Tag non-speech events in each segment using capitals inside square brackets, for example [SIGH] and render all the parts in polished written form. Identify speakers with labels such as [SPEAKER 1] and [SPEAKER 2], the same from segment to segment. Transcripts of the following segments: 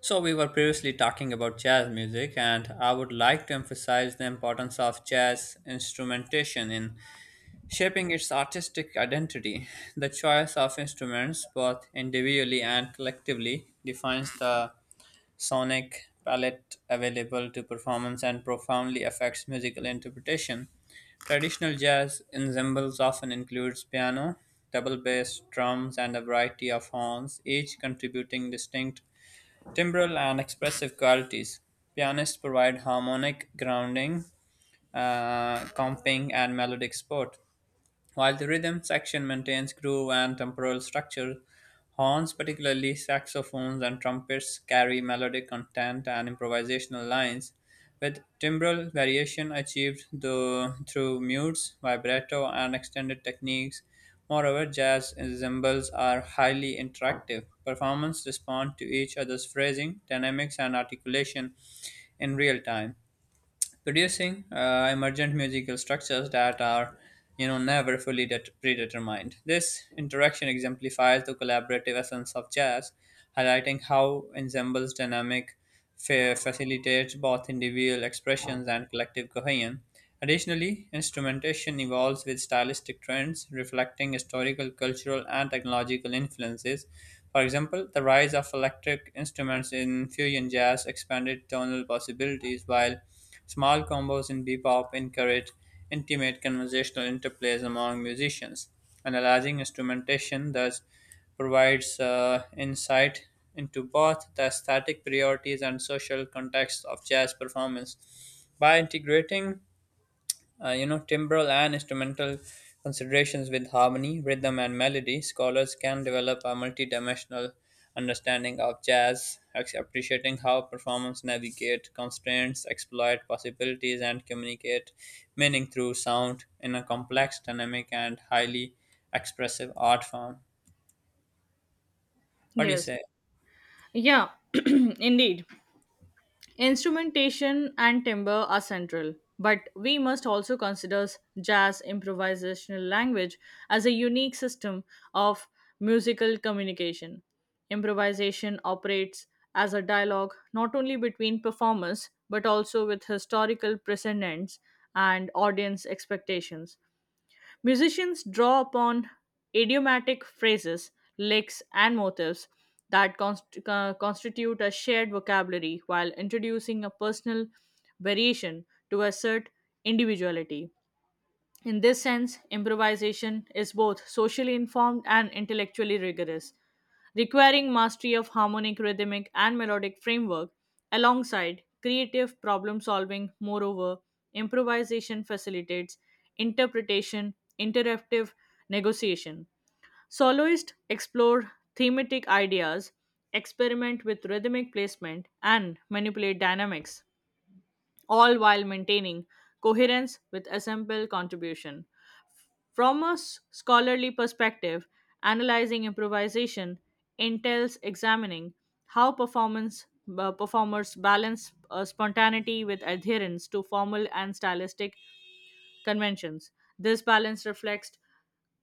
[SPEAKER 1] So, we were previously talking about jazz music, and I would like to emphasize the importance of jazz instrumentation in shaping its artistic identity. The choice of instruments, both individually and collectively, defines the sonic palette available to performance and profoundly affects musical interpretation. Traditional jazz ensembles often includes piano, double bass, drums, and a variety of horns, each contributing distinct timbral and expressive qualities. Pianists provide harmonic grounding, comping, and melodic support. While the rhythm section maintains groove and temporal structure, horns, particularly saxophones and trumpets, carry melodic content and improvisational lines, with timbral variation achieved through mutes, vibrato, and extended techniques. Moreover, jazz ensembles are highly interactive. Performers respond to each other's phrasing, dynamics, and articulation in real time, producing emergent musical structures that are never fully predetermined. This interaction exemplifies the collaborative essence of jazz, highlighting how ensembles dynamic facilitates both individual expressions and collective cohesion. Additionally, instrumentation evolves with stylistic trends, reflecting historical, cultural, and technological influences. For example, the rise of electric instruments in fusion jazz expanded tonal possibilities, while small combos in bebop encourage intimate conversational interplays among musicians. Analyzing instrumentation thus provides insight into both the aesthetic priorities and social context of jazz performance. By integrating timbral and instrumental considerations with harmony, rhythm, and melody, scholars can develop a multidimensional understanding of jazz, appreciating how performers navigate constraints, exploit possibilities, and communicate meaning through sound in a complex, dynamic, and highly expressive art form. What do you
[SPEAKER 2] Yes.
[SPEAKER 1] say?
[SPEAKER 2] Yeah, [CLEARS THROAT] indeed. Instrumentation and timbre are central, but we must also consider jazz improvisational language as a unique system of musical communication. Improvisation operates as a dialogue not only between performers but also with historical precedents and audience expectations. Musicians draw upon idiomatic phrases, licks, and motifs that constitute a shared vocabulary while introducing a personal variation to assert individuality. In this sense, improvisation is both socially informed and intellectually rigorous, requiring mastery of harmonic, rhythmic, and melodic framework alongside creative problem solving. Moreover, improvisation facilitates interpretation, interactive negotiation. Soloists explore thematic ideas, experiment with rhythmic placement, and manipulate dynamics, all while maintaining coherence with ensemble contribution. From a scholarly perspective, analyzing improvisation entails examining how performance performers balance spontaneity with adherence to formal and stylistic conventions. This balance reflects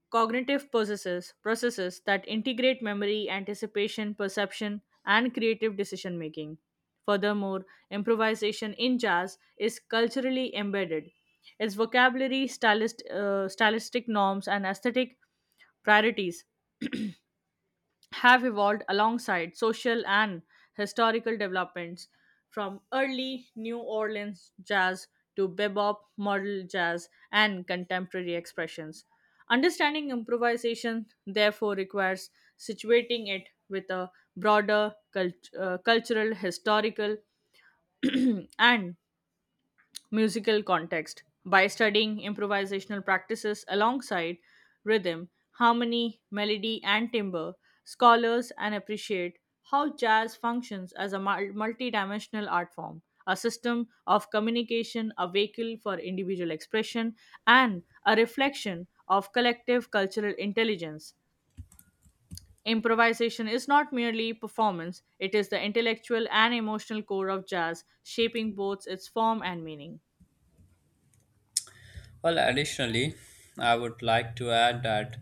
[SPEAKER 2] cognitive processes that integrate memory, anticipation, perception, and creative decision making. Furthermore, improvisation in jazz is culturally embedded. Its vocabulary, stylistic norms, and aesthetic priorities have evolved alongside social and historical developments from early New Orleans jazz to bebop, modal jazz, and contemporary expressions. Understanding improvisation, therefore, requires situating it with a broader cultural, historical, [CLEARS THROAT] and musical context by studying improvisational practices alongside rhythm, harmony, melody, and timbre. Scholars and appreciate how jazz functions as a multidimensional art form, a system of communication, a vehicle for individual expression, and a reflection of collective cultural intelligence. Improvisation is not merely performance, it is the intellectual and emotional core of jazz, shaping both its form and meaning.
[SPEAKER 1] Well, additionally, I would like to add that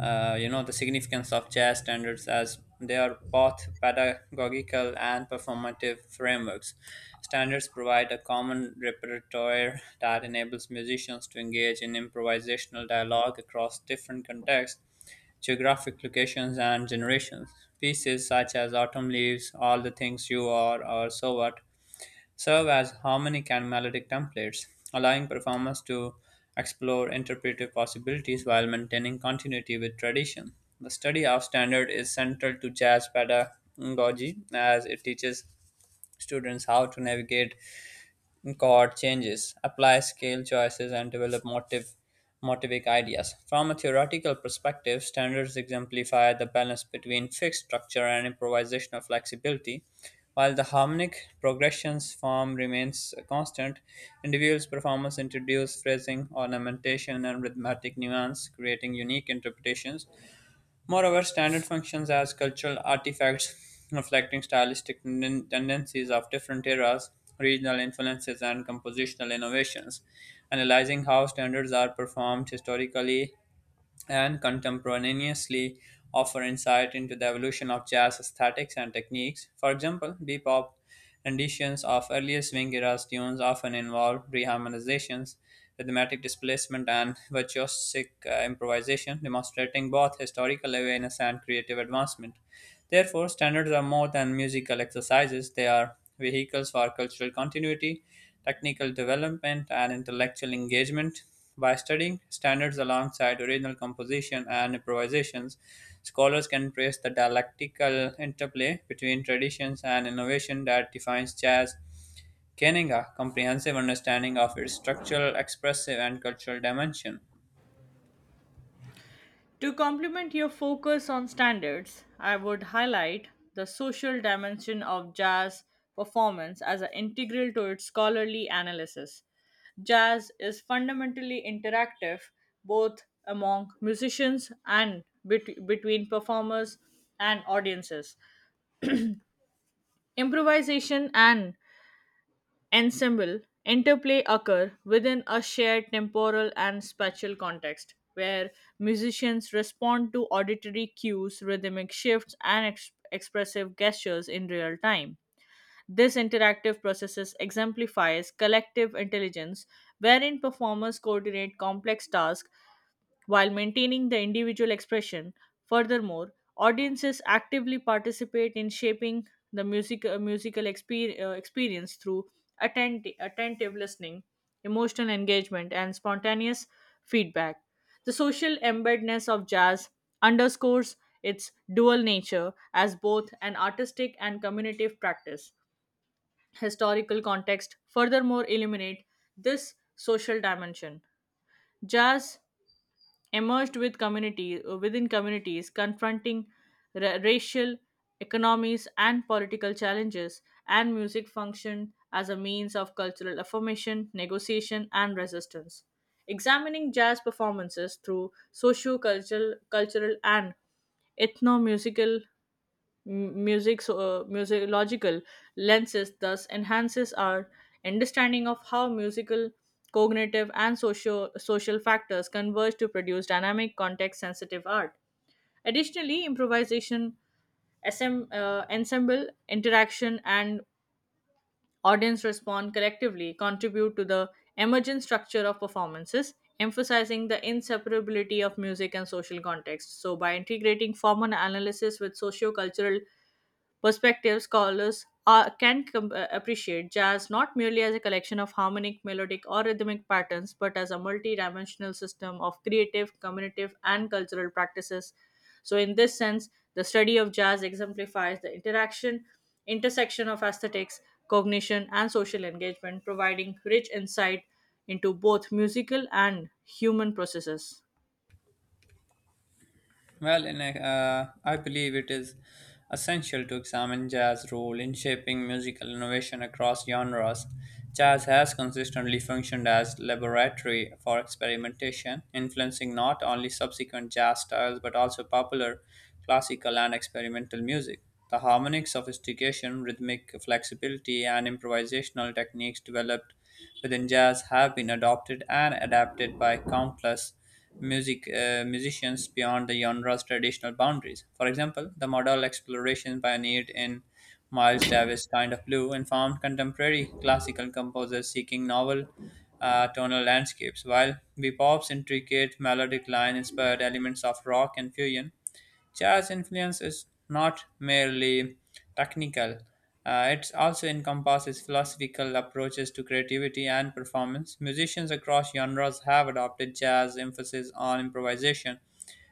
[SPEAKER 1] the significance of jazz standards, as they are both pedagogical and performative frameworks. Standards provide a common repertoire that enables musicians to engage in improvisational dialogue across different contexts, geographic locations, and generations. Pieces such as Autumn Leaves, All the Things You Are, or So What serve as harmonic and melodic templates, allowing performers to explore interpretive possibilities while maintaining continuity with tradition. The study of standard is central to jazz pedagogy, as it teaches students how to navigate chord changes, apply scale choices, and develop motivic ideas. From a theoretical perspective, standards exemplify the balance between fixed structure and improvisational flexibility. While the harmonic progressions form remains constant, individuals' performance introduce phrasing, ornamentation, and rhythmic nuance, creating unique interpretations. Moreover, standard functions as cultural artifacts, reflecting stylistic tendencies of different eras, regional influences, and compositional innovations. Analyzing how standards are performed historically and contemporaneously offer insight into the evolution of jazz aesthetics and techniques. For example, bebop renditions of earlier swing era tunes often involve reharmonizations, rhythmic displacement, and virtuosic improvisation, demonstrating both historical awareness and creative advancement. Therefore, standards are more than musical exercises, they are vehicles for cultural continuity, technical development, and intellectual engagement. By studying standards alongside original composition and improvisations, scholars can trace the dialectical interplay between traditions and innovation that defines jazz, gaining a comprehensive understanding of its structural, expressive, and cultural dimension.
[SPEAKER 2] To complement your focus on standards, I would highlight the social dimension of jazz performance as an integral to its scholarly analysis. Jazz is fundamentally interactive, both among musicians and between performers and audiences. Improvisation and ensemble interplay occur within a shared temporal and spatial context where musicians respond to auditory cues, rhythmic shifts, and expressive gestures in real time. This interactive process exemplifies collective intelligence, wherein performers coordinate complex tasks while maintaining the individual expression. Furthermore, audiences actively participate in shaping the musical experience through attentive listening, emotional engagement, and spontaneous feedback. The social embeddedness of jazz underscores its dual nature as both an artistic and communicative practice. Historical context furthermore illuminate this social dimension. Jazz emerged with community within communities confronting racial, economies, and political challenges, and music functioned as a means of cultural affirmation, negotiation, and resistance. Examining jazz performances through socio-cultural cultural and ethno-musical, musicological lenses thus enhances our understanding of how musical, cognitive, and social factors converge to produce dynamic, context sensitive art. Additionally, improvisation, ensemble interaction, and audience respond collectively, contribute to the emergent structure of performances, emphasizing the inseparability of music and social context. So, by integrating formal analysis with sociocultural perspectives, scholars can appreciate jazz not merely as a collection of harmonic, melodic, or rhythmic patterns, but as a multi dimensional system of creative, communicative, and cultural practices. So, in this sense, the study of jazz exemplifies the interaction, intersection of aesthetics, cognition, and social engagement, providing rich insight into both musical and human processes.
[SPEAKER 1] Well, I believe it is essential to examine jazz's role in shaping musical innovation across genres. Jazz has consistently functioned as laboratory for experimentation, influencing not only subsequent jazz styles but also popular, classical, and experimental music. The harmonic sophistication, rhythmic flexibility, and improvisational techniques developed within jazz have been adopted and adapted by countless musicians beyond the genre's traditional boundaries. For example, the modal exploration pioneered in Miles Davis' Kind of Blue informed contemporary classical composers seeking novel tonal landscapes, while bebop's intricate melodic line inspired elements of rock and fusion. Jazz influence is not merely technical, it also encompasses philosophical approaches to creativity and performance. Musicians across genres have adopted jazz emphasis on improvisation,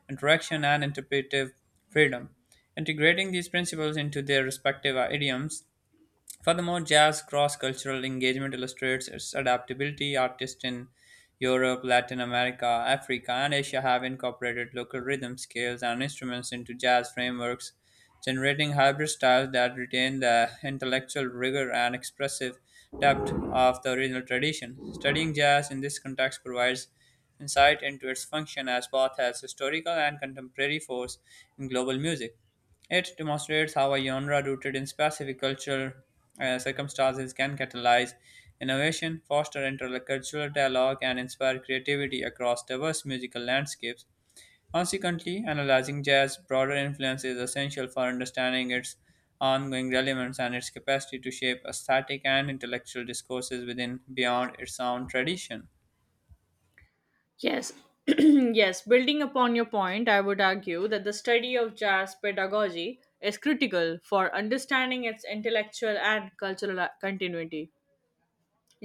[SPEAKER 1] interaction, and interpretive freedom, integrating these principles into their respective idioms. Furthermore, jazz cross cultural engagement illustrates its adaptability. Artists in Europe, Latin America, Africa, and Asia have incorporated local rhythm scales and instruments into jazz frameworks, generating hybrid styles that retain the intellectual rigor and expressive depth of the original tradition. Studying jazz in this context provides insight into its function as both as historical and contemporary force in global music. It demonstrates how a genre rooted in specific cultural circumstances can catalyze innovation, foster intercultural dialogue, and inspire creativity across diverse musical landscapes. Consequently, analyzing jazz's broader influence is essential for understanding its ongoing relevance and its capacity to shape aesthetic and intellectual discourses within beyond its own tradition.
[SPEAKER 2] Yes. [CLEARS THROAT] Yes, building upon your point, I would argue that the study of jazz pedagogy is critical for understanding its intellectual and cultural continuity.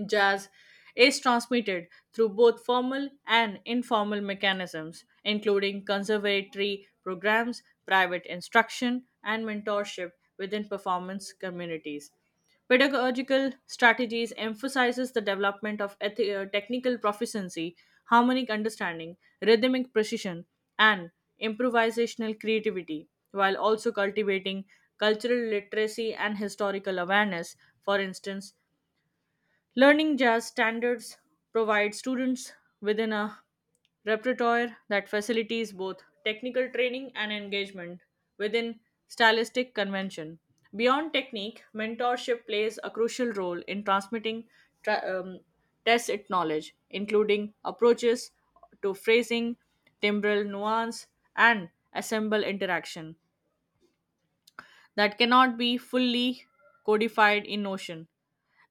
[SPEAKER 2] Jazz is transmitted through both formal and informal mechanisms, including conservatory programs, private instruction, and mentorship within performance communities. Pedagogical strategies emphasizes the development of technical proficiency, harmonic understanding, rhythmic precision, and improvisational creativity, while also cultivating cultural literacy and historical awareness. For instance, learning jazz standards provides students within a repertoire that facilitates both technical training and engagement within stylistic convention. Beyond technique, mentorship plays a crucial role in transmitting tra- um, tacit knowledge, including approaches to phrasing, timbral nuance, and ensemble interaction that cannot be fully codified in Notion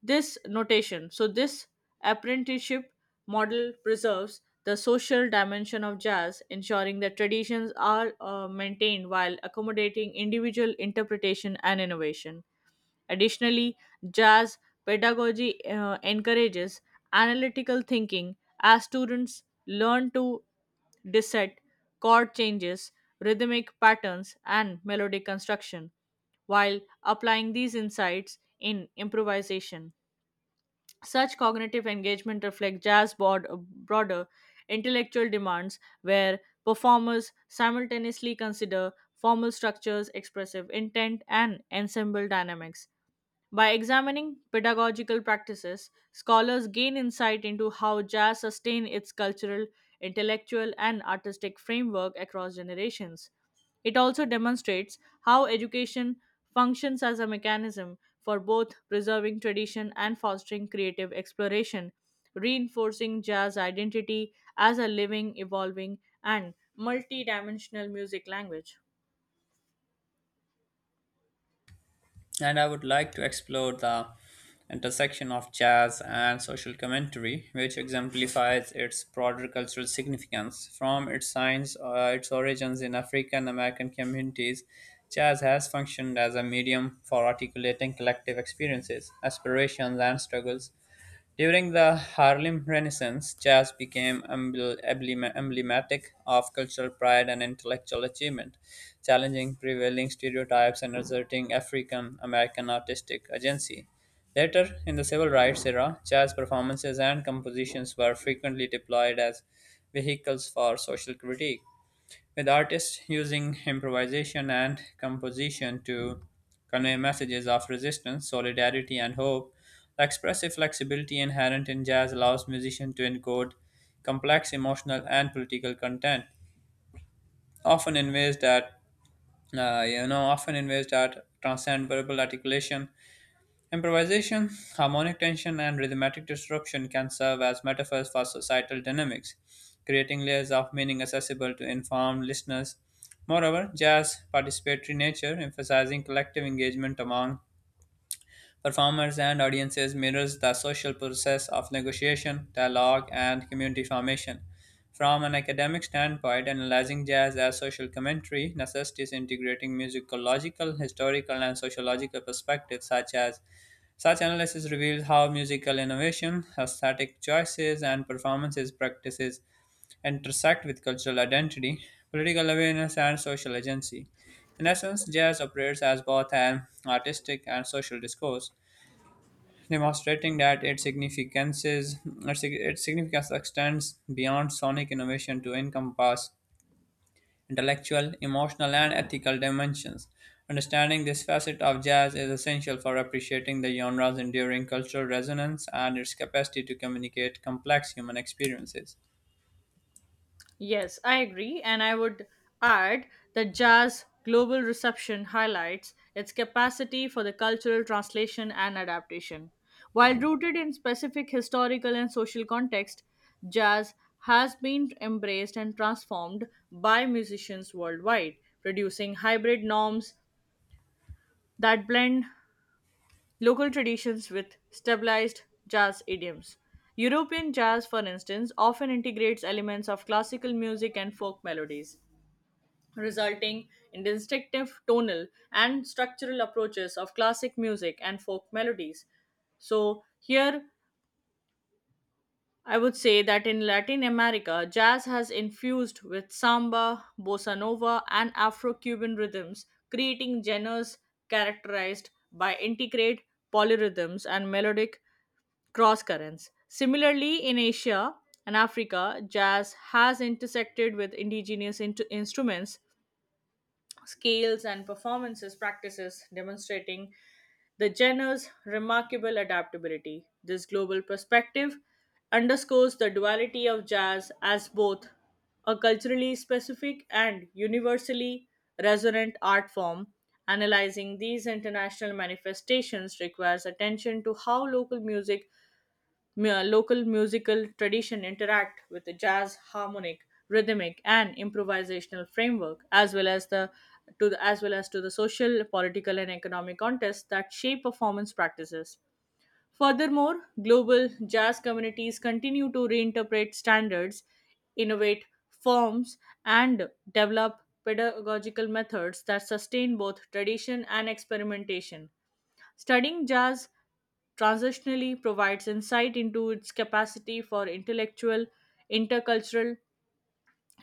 [SPEAKER 2] this notation. So, this apprenticeship model preserves the social dimension of jazz, ensuring that traditions are maintained while accommodating individual interpretation and innovation. Additionally, jazz pedagogy encourages analytical thinking as students learn to dissect chord changes, rhythmic patterns, and melodic construction while applying these insights in improvisation. Such cognitive engagement reflects jazz broader intellectual demands, where performers simultaneously consider formal structures, expressive intent, and ensemble dynamics. By examining pedagogical practices, scholars gain insight into how jazz sustained its cultural, intellectual, and artistic framework across generations. It also demonstrates how education functions as a mechanism for both preserving tradition and fostering creative exploration, reinforcing jazz identity as a living, evolving, and multi dimensional music language.
[SPEAKER 1] And I would like to explore the intersection of jazz and social commentary, which exemplifies its broader cultural significance. From its origins in African American communities, jazz has functioned as a medium for articulating collective experiences, aspirations, and struggles. During the Harlem Renaissance, jazz became emblematic of cultural pride and intellectual achievement, challenging prevailing stereotypes and asserting African American artistic agency. Later, in the civil rights era, jazz performances and compositions were frequently deployed as vehicles for social critique, with artists using improvisation and composition to convey messages of resistance, solidarity, and hope. The expressive flexibility inherent in jazz allows musicians to encode complex emotional and political content, often in ways that often in ways that transcend verbal articulation. Improvisation, harmonic tension, and rhythmic disruption can serve as metaphors for societal dynamics, creating layers of meaning accessible to informed listeners. Moreover, jazz participatory nature, emphasizing collective engagement among performers and audiences, mirrors the social process of negotiation, dialogue, and community formation. From an academic standpoint, analyzing jazz as social commentary necessitates integrating musicological, historical, and sociological perspectives. Such as such analysis reveals how musical innovation, aesthetic choices, and performances practices intersect with cultural identity, political awareness, and social agency. In essence, jazz operates as both an artistic and social discourse, demonstrating that its significance extends beyond sonic innovation to encompass intellectual, emotional, and ethical dimensions. Understanding this facet of jazz is essential for appreciating the genre's enduring cultural resonance and its capacity to communicate complex human experiences.
[SPEAKER 2] Yes, I agree, and I would add that jazz global reception highlights its capacity for the cultural translation and adaptation. While rooted in specific historical and social context, jazz has been embraced and transformed by musicians worldwide, producing hybrid norms that blend local traditions with stabilized jazz idioms. European jazz, for instance, often integrates elements of classical music and folk melodies, resulting in distinctive tonal and structural approaches of classic music and folk melodies. So, here I would say that in Latin America, jazz has infused with samba, bossa nova, and Afro Cuban rhythms, creating genres characterized by integrated polyrhythms and melodic cross currents. Similarly, in Asia and Africa, jazz has intersected with indigenous instruments, scales, and performances practices, demonstrating the genre's remarkable adaptability. This global perspective underscores the duality of jazz as both a culturally specific and universally resonant art form. Analyzing these international manifestations requires attention to how local musical tradition interact with the jazz harmonic, rhythmic, and improvisational framework, as well as as well as to the social, political, and economic contests that shape performance practices. Furthermore, global jazz communities continue to reinterpret standards, innovate forms, and develop pedagogical methods that sustain both tradition and experimentation. Studying jazz transitionally provides insight into its capacity for intellectual, intercultural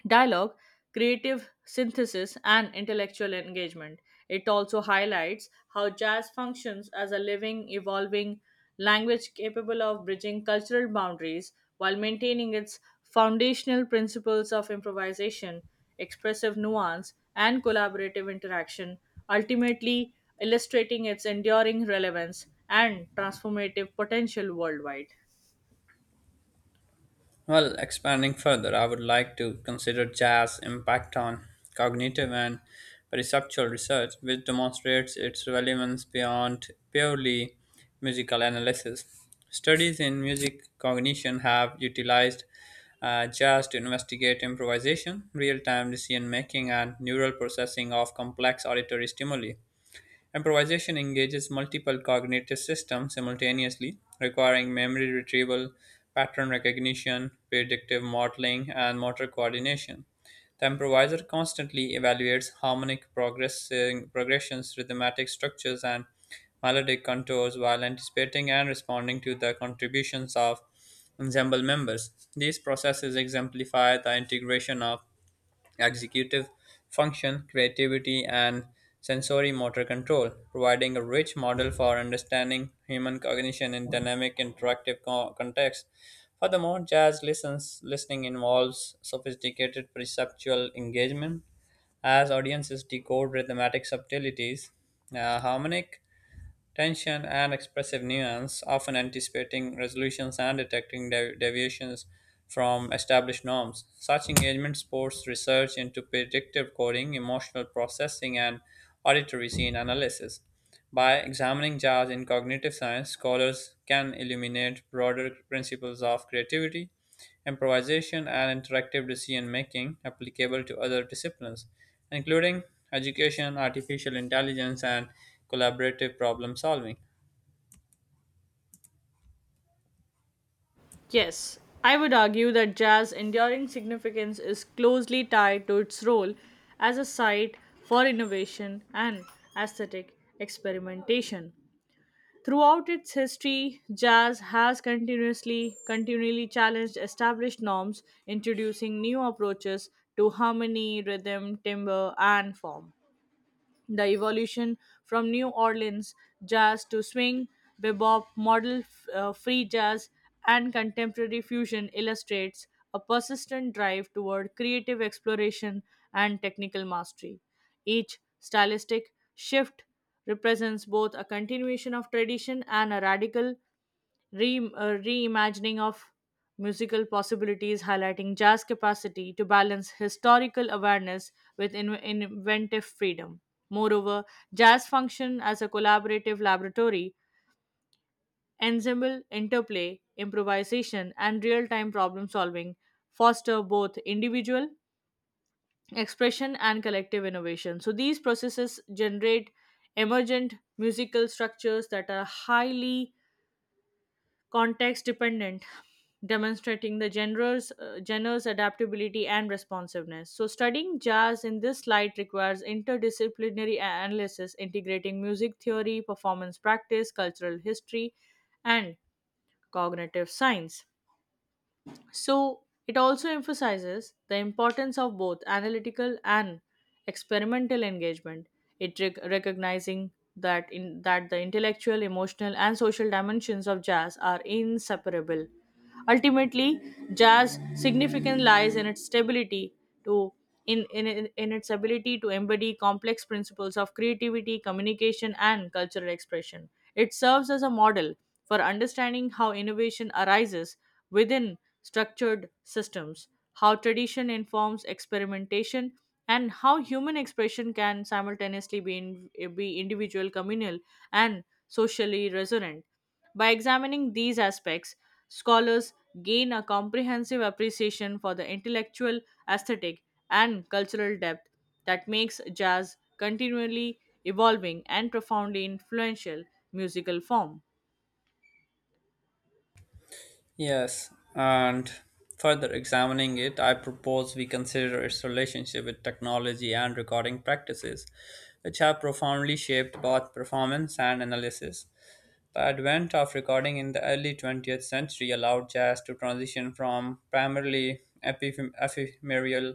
[SPEAKER 2] dialogue, creative synthesis, and intellectual engagement. It also highlights how jazz functions as a living, evolving language capable of bridging cultural boundaries while maintaining its foundational principles of improvisation, expressive nuance, and collaborative interaction, ultimately illustrating its enduring relevance and transformative potential worldwide.
[SPEAKER 1] Well, expanding further, I would like to consider jazz impact on cognitive and perceptual research, which demonstrates its relevance beyond purely musical analysis. Studies in music cognition have utilized jazz to investigate improvisation, real time decision making, and neural processing of complex auditory stimuli. Improvisation engages multiple cognitive systems simultaneously, requiring memory retrieval, pattern recognition, predictive modeling, and motor coordination. The improviser constantly evaluates progressions, rhythmatic structures, and melodic contours while anticipating and responding to the contributions of ensemble members. These processes exemplify the integration of executive function, creativity, and sensory motor control, providing a rich model for understanding human cognition in dynamic interactive contexts. Furthermore, listening involves sophisticated perceptual engagement, as audiences decode rhythmic subtleties, harmonic tension, and expressive nuance, often anticipating resolutions and detecting deviations from established norms. Such engagement supports research into predictive coding, emotional processing, and auditory scene analysis. By examining jars in cognitive science, scholars can illuminate broader principles of creativity, improvisation, and interactive decision making applicable to other disciplines, including education, artificial intelligence, and collaborative problem solving.
[SPEAKER 2] Yes, I would argue that jazz's enduring significance is closely tied to its role as a site for innovation and aesthetic experimentation. Throughout its history, jazz has continuously continually challenged established norms, introducing new approaches to harmony, rhythm, timbre, and form. The evolution from New Orleans jazz to swing, bebop, model, free jazz, and contemporary fusion illustrates a persistent drive toward creative exploration and technical mastery. Each stylistic shift represents both a continuation of tradition and a radical reimagining of musical possibilities, highlighting jazz capacity to balance historical awareness with inventive freedom. Moreover, jazz function as a collaborative laboratory. Ensemble interplay, improvisation, and real-time problem solving foster both individual expression and collective innovation. So these processes generate emergent musical structures that are highly context dependent, demonstrating the genres' adaptability and responsiveness. So studying jazz in this light requires interdisciplinary analysis, integrating music theory, performance practice, cultural history, and cognitive science. So it also emphasizes the importance of both analytical and experimental engagement. It recognizing that in that the intellectual, emotional, and social dimensions of jazz are inseparable. Ultimately, jazz significance lies in its stability to in its ability to embody complex principles of creativity, communication, and cultural expression. It serves as a model for understanding how innovation arises within structured systems, how tradition informs experimentation, and how human expression can simultaneously be individual, communal, and socially resonant. By examining these aspects, scholars gain a comprehensive appreciation for the intellectual, aesthetic, and cultural depth that makes jazz continually evolving and profoundly influential musical form.
[SPEAKER 1] Yes, and further examining it, I propose we consider its relationship with technology and recording practices, which have profoundly shaped both performance and analysis. The advent of recording in the early 20th century allowed jazz to transition from primarily ephemeral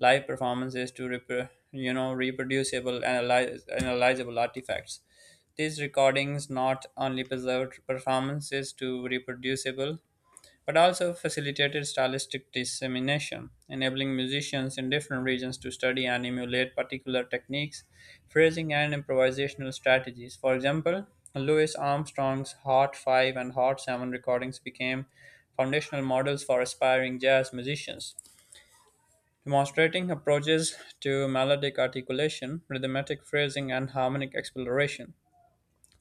[SPEAKER 1] live performances to reproducible, analyzable artifacts. These recordings not only preserved performances to reproducible but also facilitated stylistic dissemination, enabling musicians in different regions to study and emulate particular techniques, phrasing, and improvisational strategies. For example, Louis Armstrong's Hot 5 and Hot 7 recordings became foundational models for aspiring jazz musicians, demonstrating approaches to melodic articulation, rhythmic phrasing, and harmonic exploration.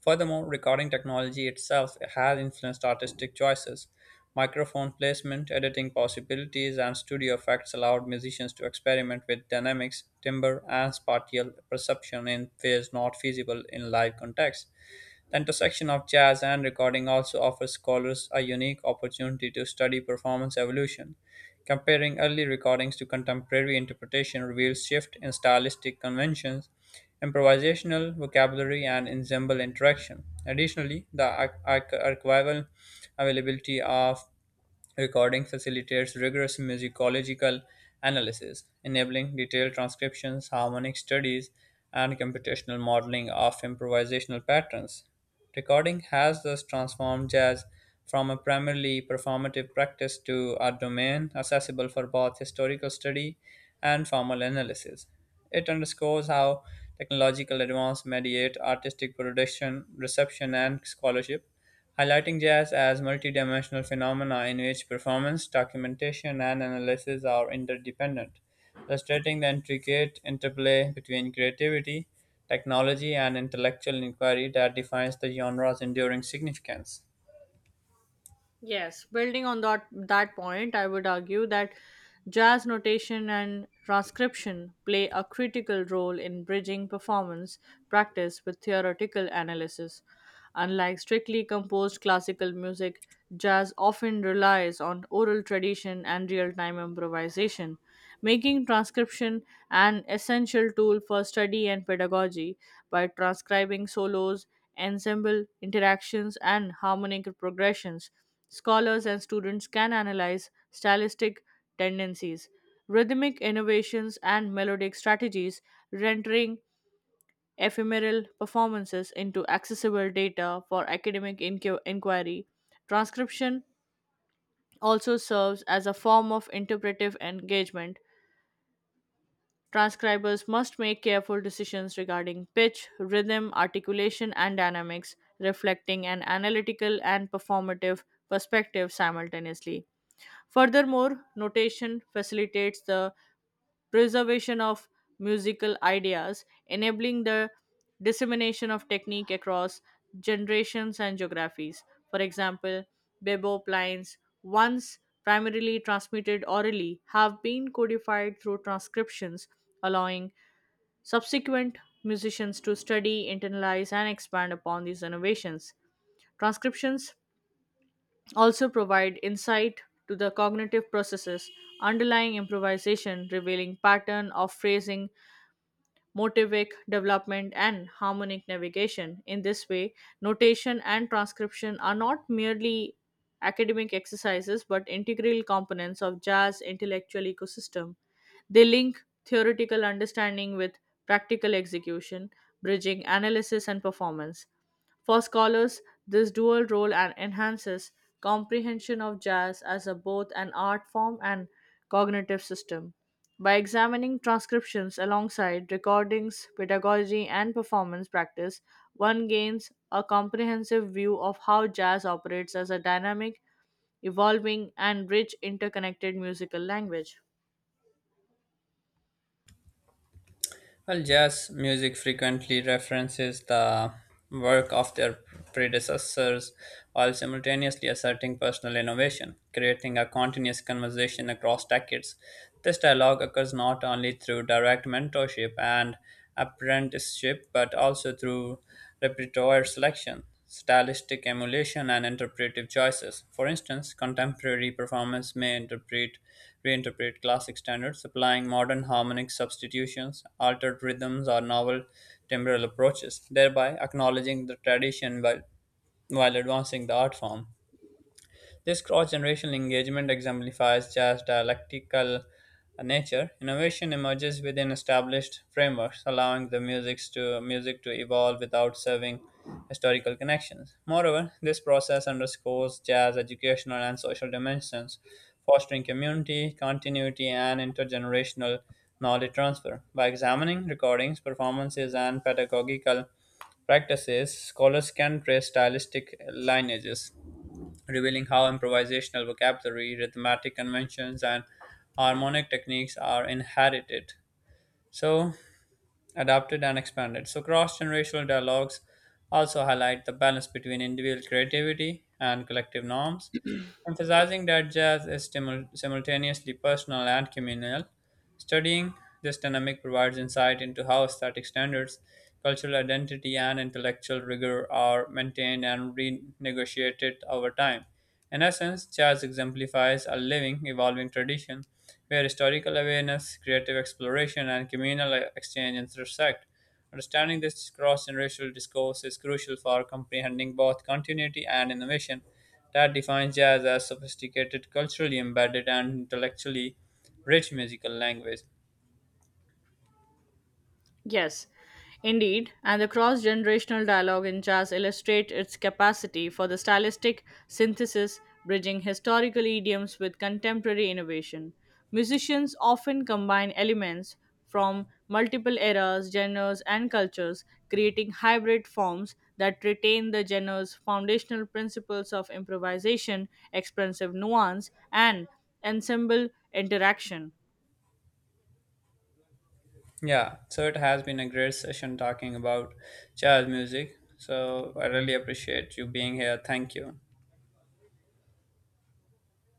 [SPEAKER 1] Furthermore, recording technology itself has influenced artistic choices. Microphone placement, editing possibilities, and studio effects allowed musicians to experiment with dynamics, timbre, and spatial perception in ways not feasible in live context. The intersection of jazz and recording also offers scholars a unique opportunity to study performance evolution. Comparing early recordings to contemporary interpretation reveals shift in stylistic conventions, improvisational vocabulary, and ensemble interaction. Additionally, the archival availability of recording facilitates rigorous musicological analysis, enabling detailed transcriptions, harmonic studies, and computational modeling of improvisational patterns. Recording has thus transformed jazz from a primarily performative practice to a domain accessible for both historical study and formal analysis. It underscores how technological advance mediate artistic production, reception, and scholarship, highlighting jazz as multidimensional phenomena in which performance, documentation, and analysis are interdependent, illustrating the intricate interplay between creativity, technology, and intellectual inquiry that defines the genre's enduring significance.
[SPEAKER 2] Yes, building on that point, I would argue that jazz notation and transcription play a critical role in bridging performance practice with theoretical analysis. Unlike strictly composed classical music, jazz often relies on oral tradition and real-time improvisation, making transcription an essential tool for study and pedagogy by transcribing solos, ensemble interactions, and harmonic progressions. Scholars and students can analyze stylistic tendencies, rhythmic innovations, and melodic strategies, rendering ephemeral performances into accessible data for academic inquiry. Transcription also serves as a form of interpretive engagement. Transcribers must make careful decisions regarding pitch, rhythm, articulation, and dynamics, reflecting an analytical and performative perspective simultaneously. Furthermore, notation facilitates the preservation of musical ideas, enabling the dissemination of technique across generations and geographies. For example, bebop lines, once primarily transmitted orally, have been codified through transcriptions, allowing subsequent musicians to study, internalize, and expand upon these innovations. Transcriptions also provide insight to the cognitive processes underlying improvisation, revealing pattern of phrasing, motivic development, and harmonic navigation. In this way, notation and transcription are not merely academic exercises but integral components of jazz intellectual ecosystem. They link theoretical understanding with practical execution, bridging analysis and performance. For scholars, this dual role and enhances comprehension of jazz as a, both an art form and cognitive system. By examining transcriptions alongside recordings, pedagogy, and performance practice, one gains a comprehensive view of how jazz operates as a dynamic, evolving, and rich interconnected musical language.
[SPEAKER 1] Well, jazz music frequently references the work of their predecessors while simultaneously asserting personal innovation, creating a continuous conversation across decades. This dialogue occurs not only through direct mentorship and apprenticeship but also through repertoire selection, stylistic emulation, and interpretive choices. For instance, contemporary performers may interpret reinterpret classic standards, applying modern harmonic substitutions, altered rhythms, or novel timbral approaches, thereby acknowledging the tradition while advancing the art form. This cross generational engagement exemplifies jazz dialectical nature. Innovation emerges within established frameworks, allowing the music to evolve without serving historical connections. Moreover, this process underscores jazz educational and social dimensions, fostering community, continuity, and intergenerational knowledge transfer. By examining recordings, performances, and pedagogical practices, scholars can trace stylistic lineages, revealing how improvisational vocabulary, rhythmic conventions, and harmonic techniques are inherited, so adapted and expanded. So, cross generational dialogues also highlight the balance between individual creativity and collective norms, emphasizing that jazz is simultaneously personal and communal. Studying this dynamic provides insight into how aesthetic standards, cultural identity, and intellectual rigor are maintained and renegotiated over time. In essence, jazz exemplifies a living, evolving tradition where historical awareness, creative exploration, and communal exchange intersect. Understanding this cross generational discourse is crucial for comprehending both continuity and innovation that defines jazz as sophisticated, culturally embedded, and intellectually rich musical language.
[SPEAKER 2] Yes, indeed, and the cross generational dialogue in jazz illustrates its capacity for the stylistic synthesis, bridging historical idioms with contemporary innovation. Musicians often combine elements from multiple eras, genres, and cultures, creating hybrid forms that retain the genre's foundational principles of improvisation, expressive nuance, and ensemble interaction.
[SPEAKER 1] Yeah, so it has been a great session talking about jazz music. So I really appreciate you being here. Thank you.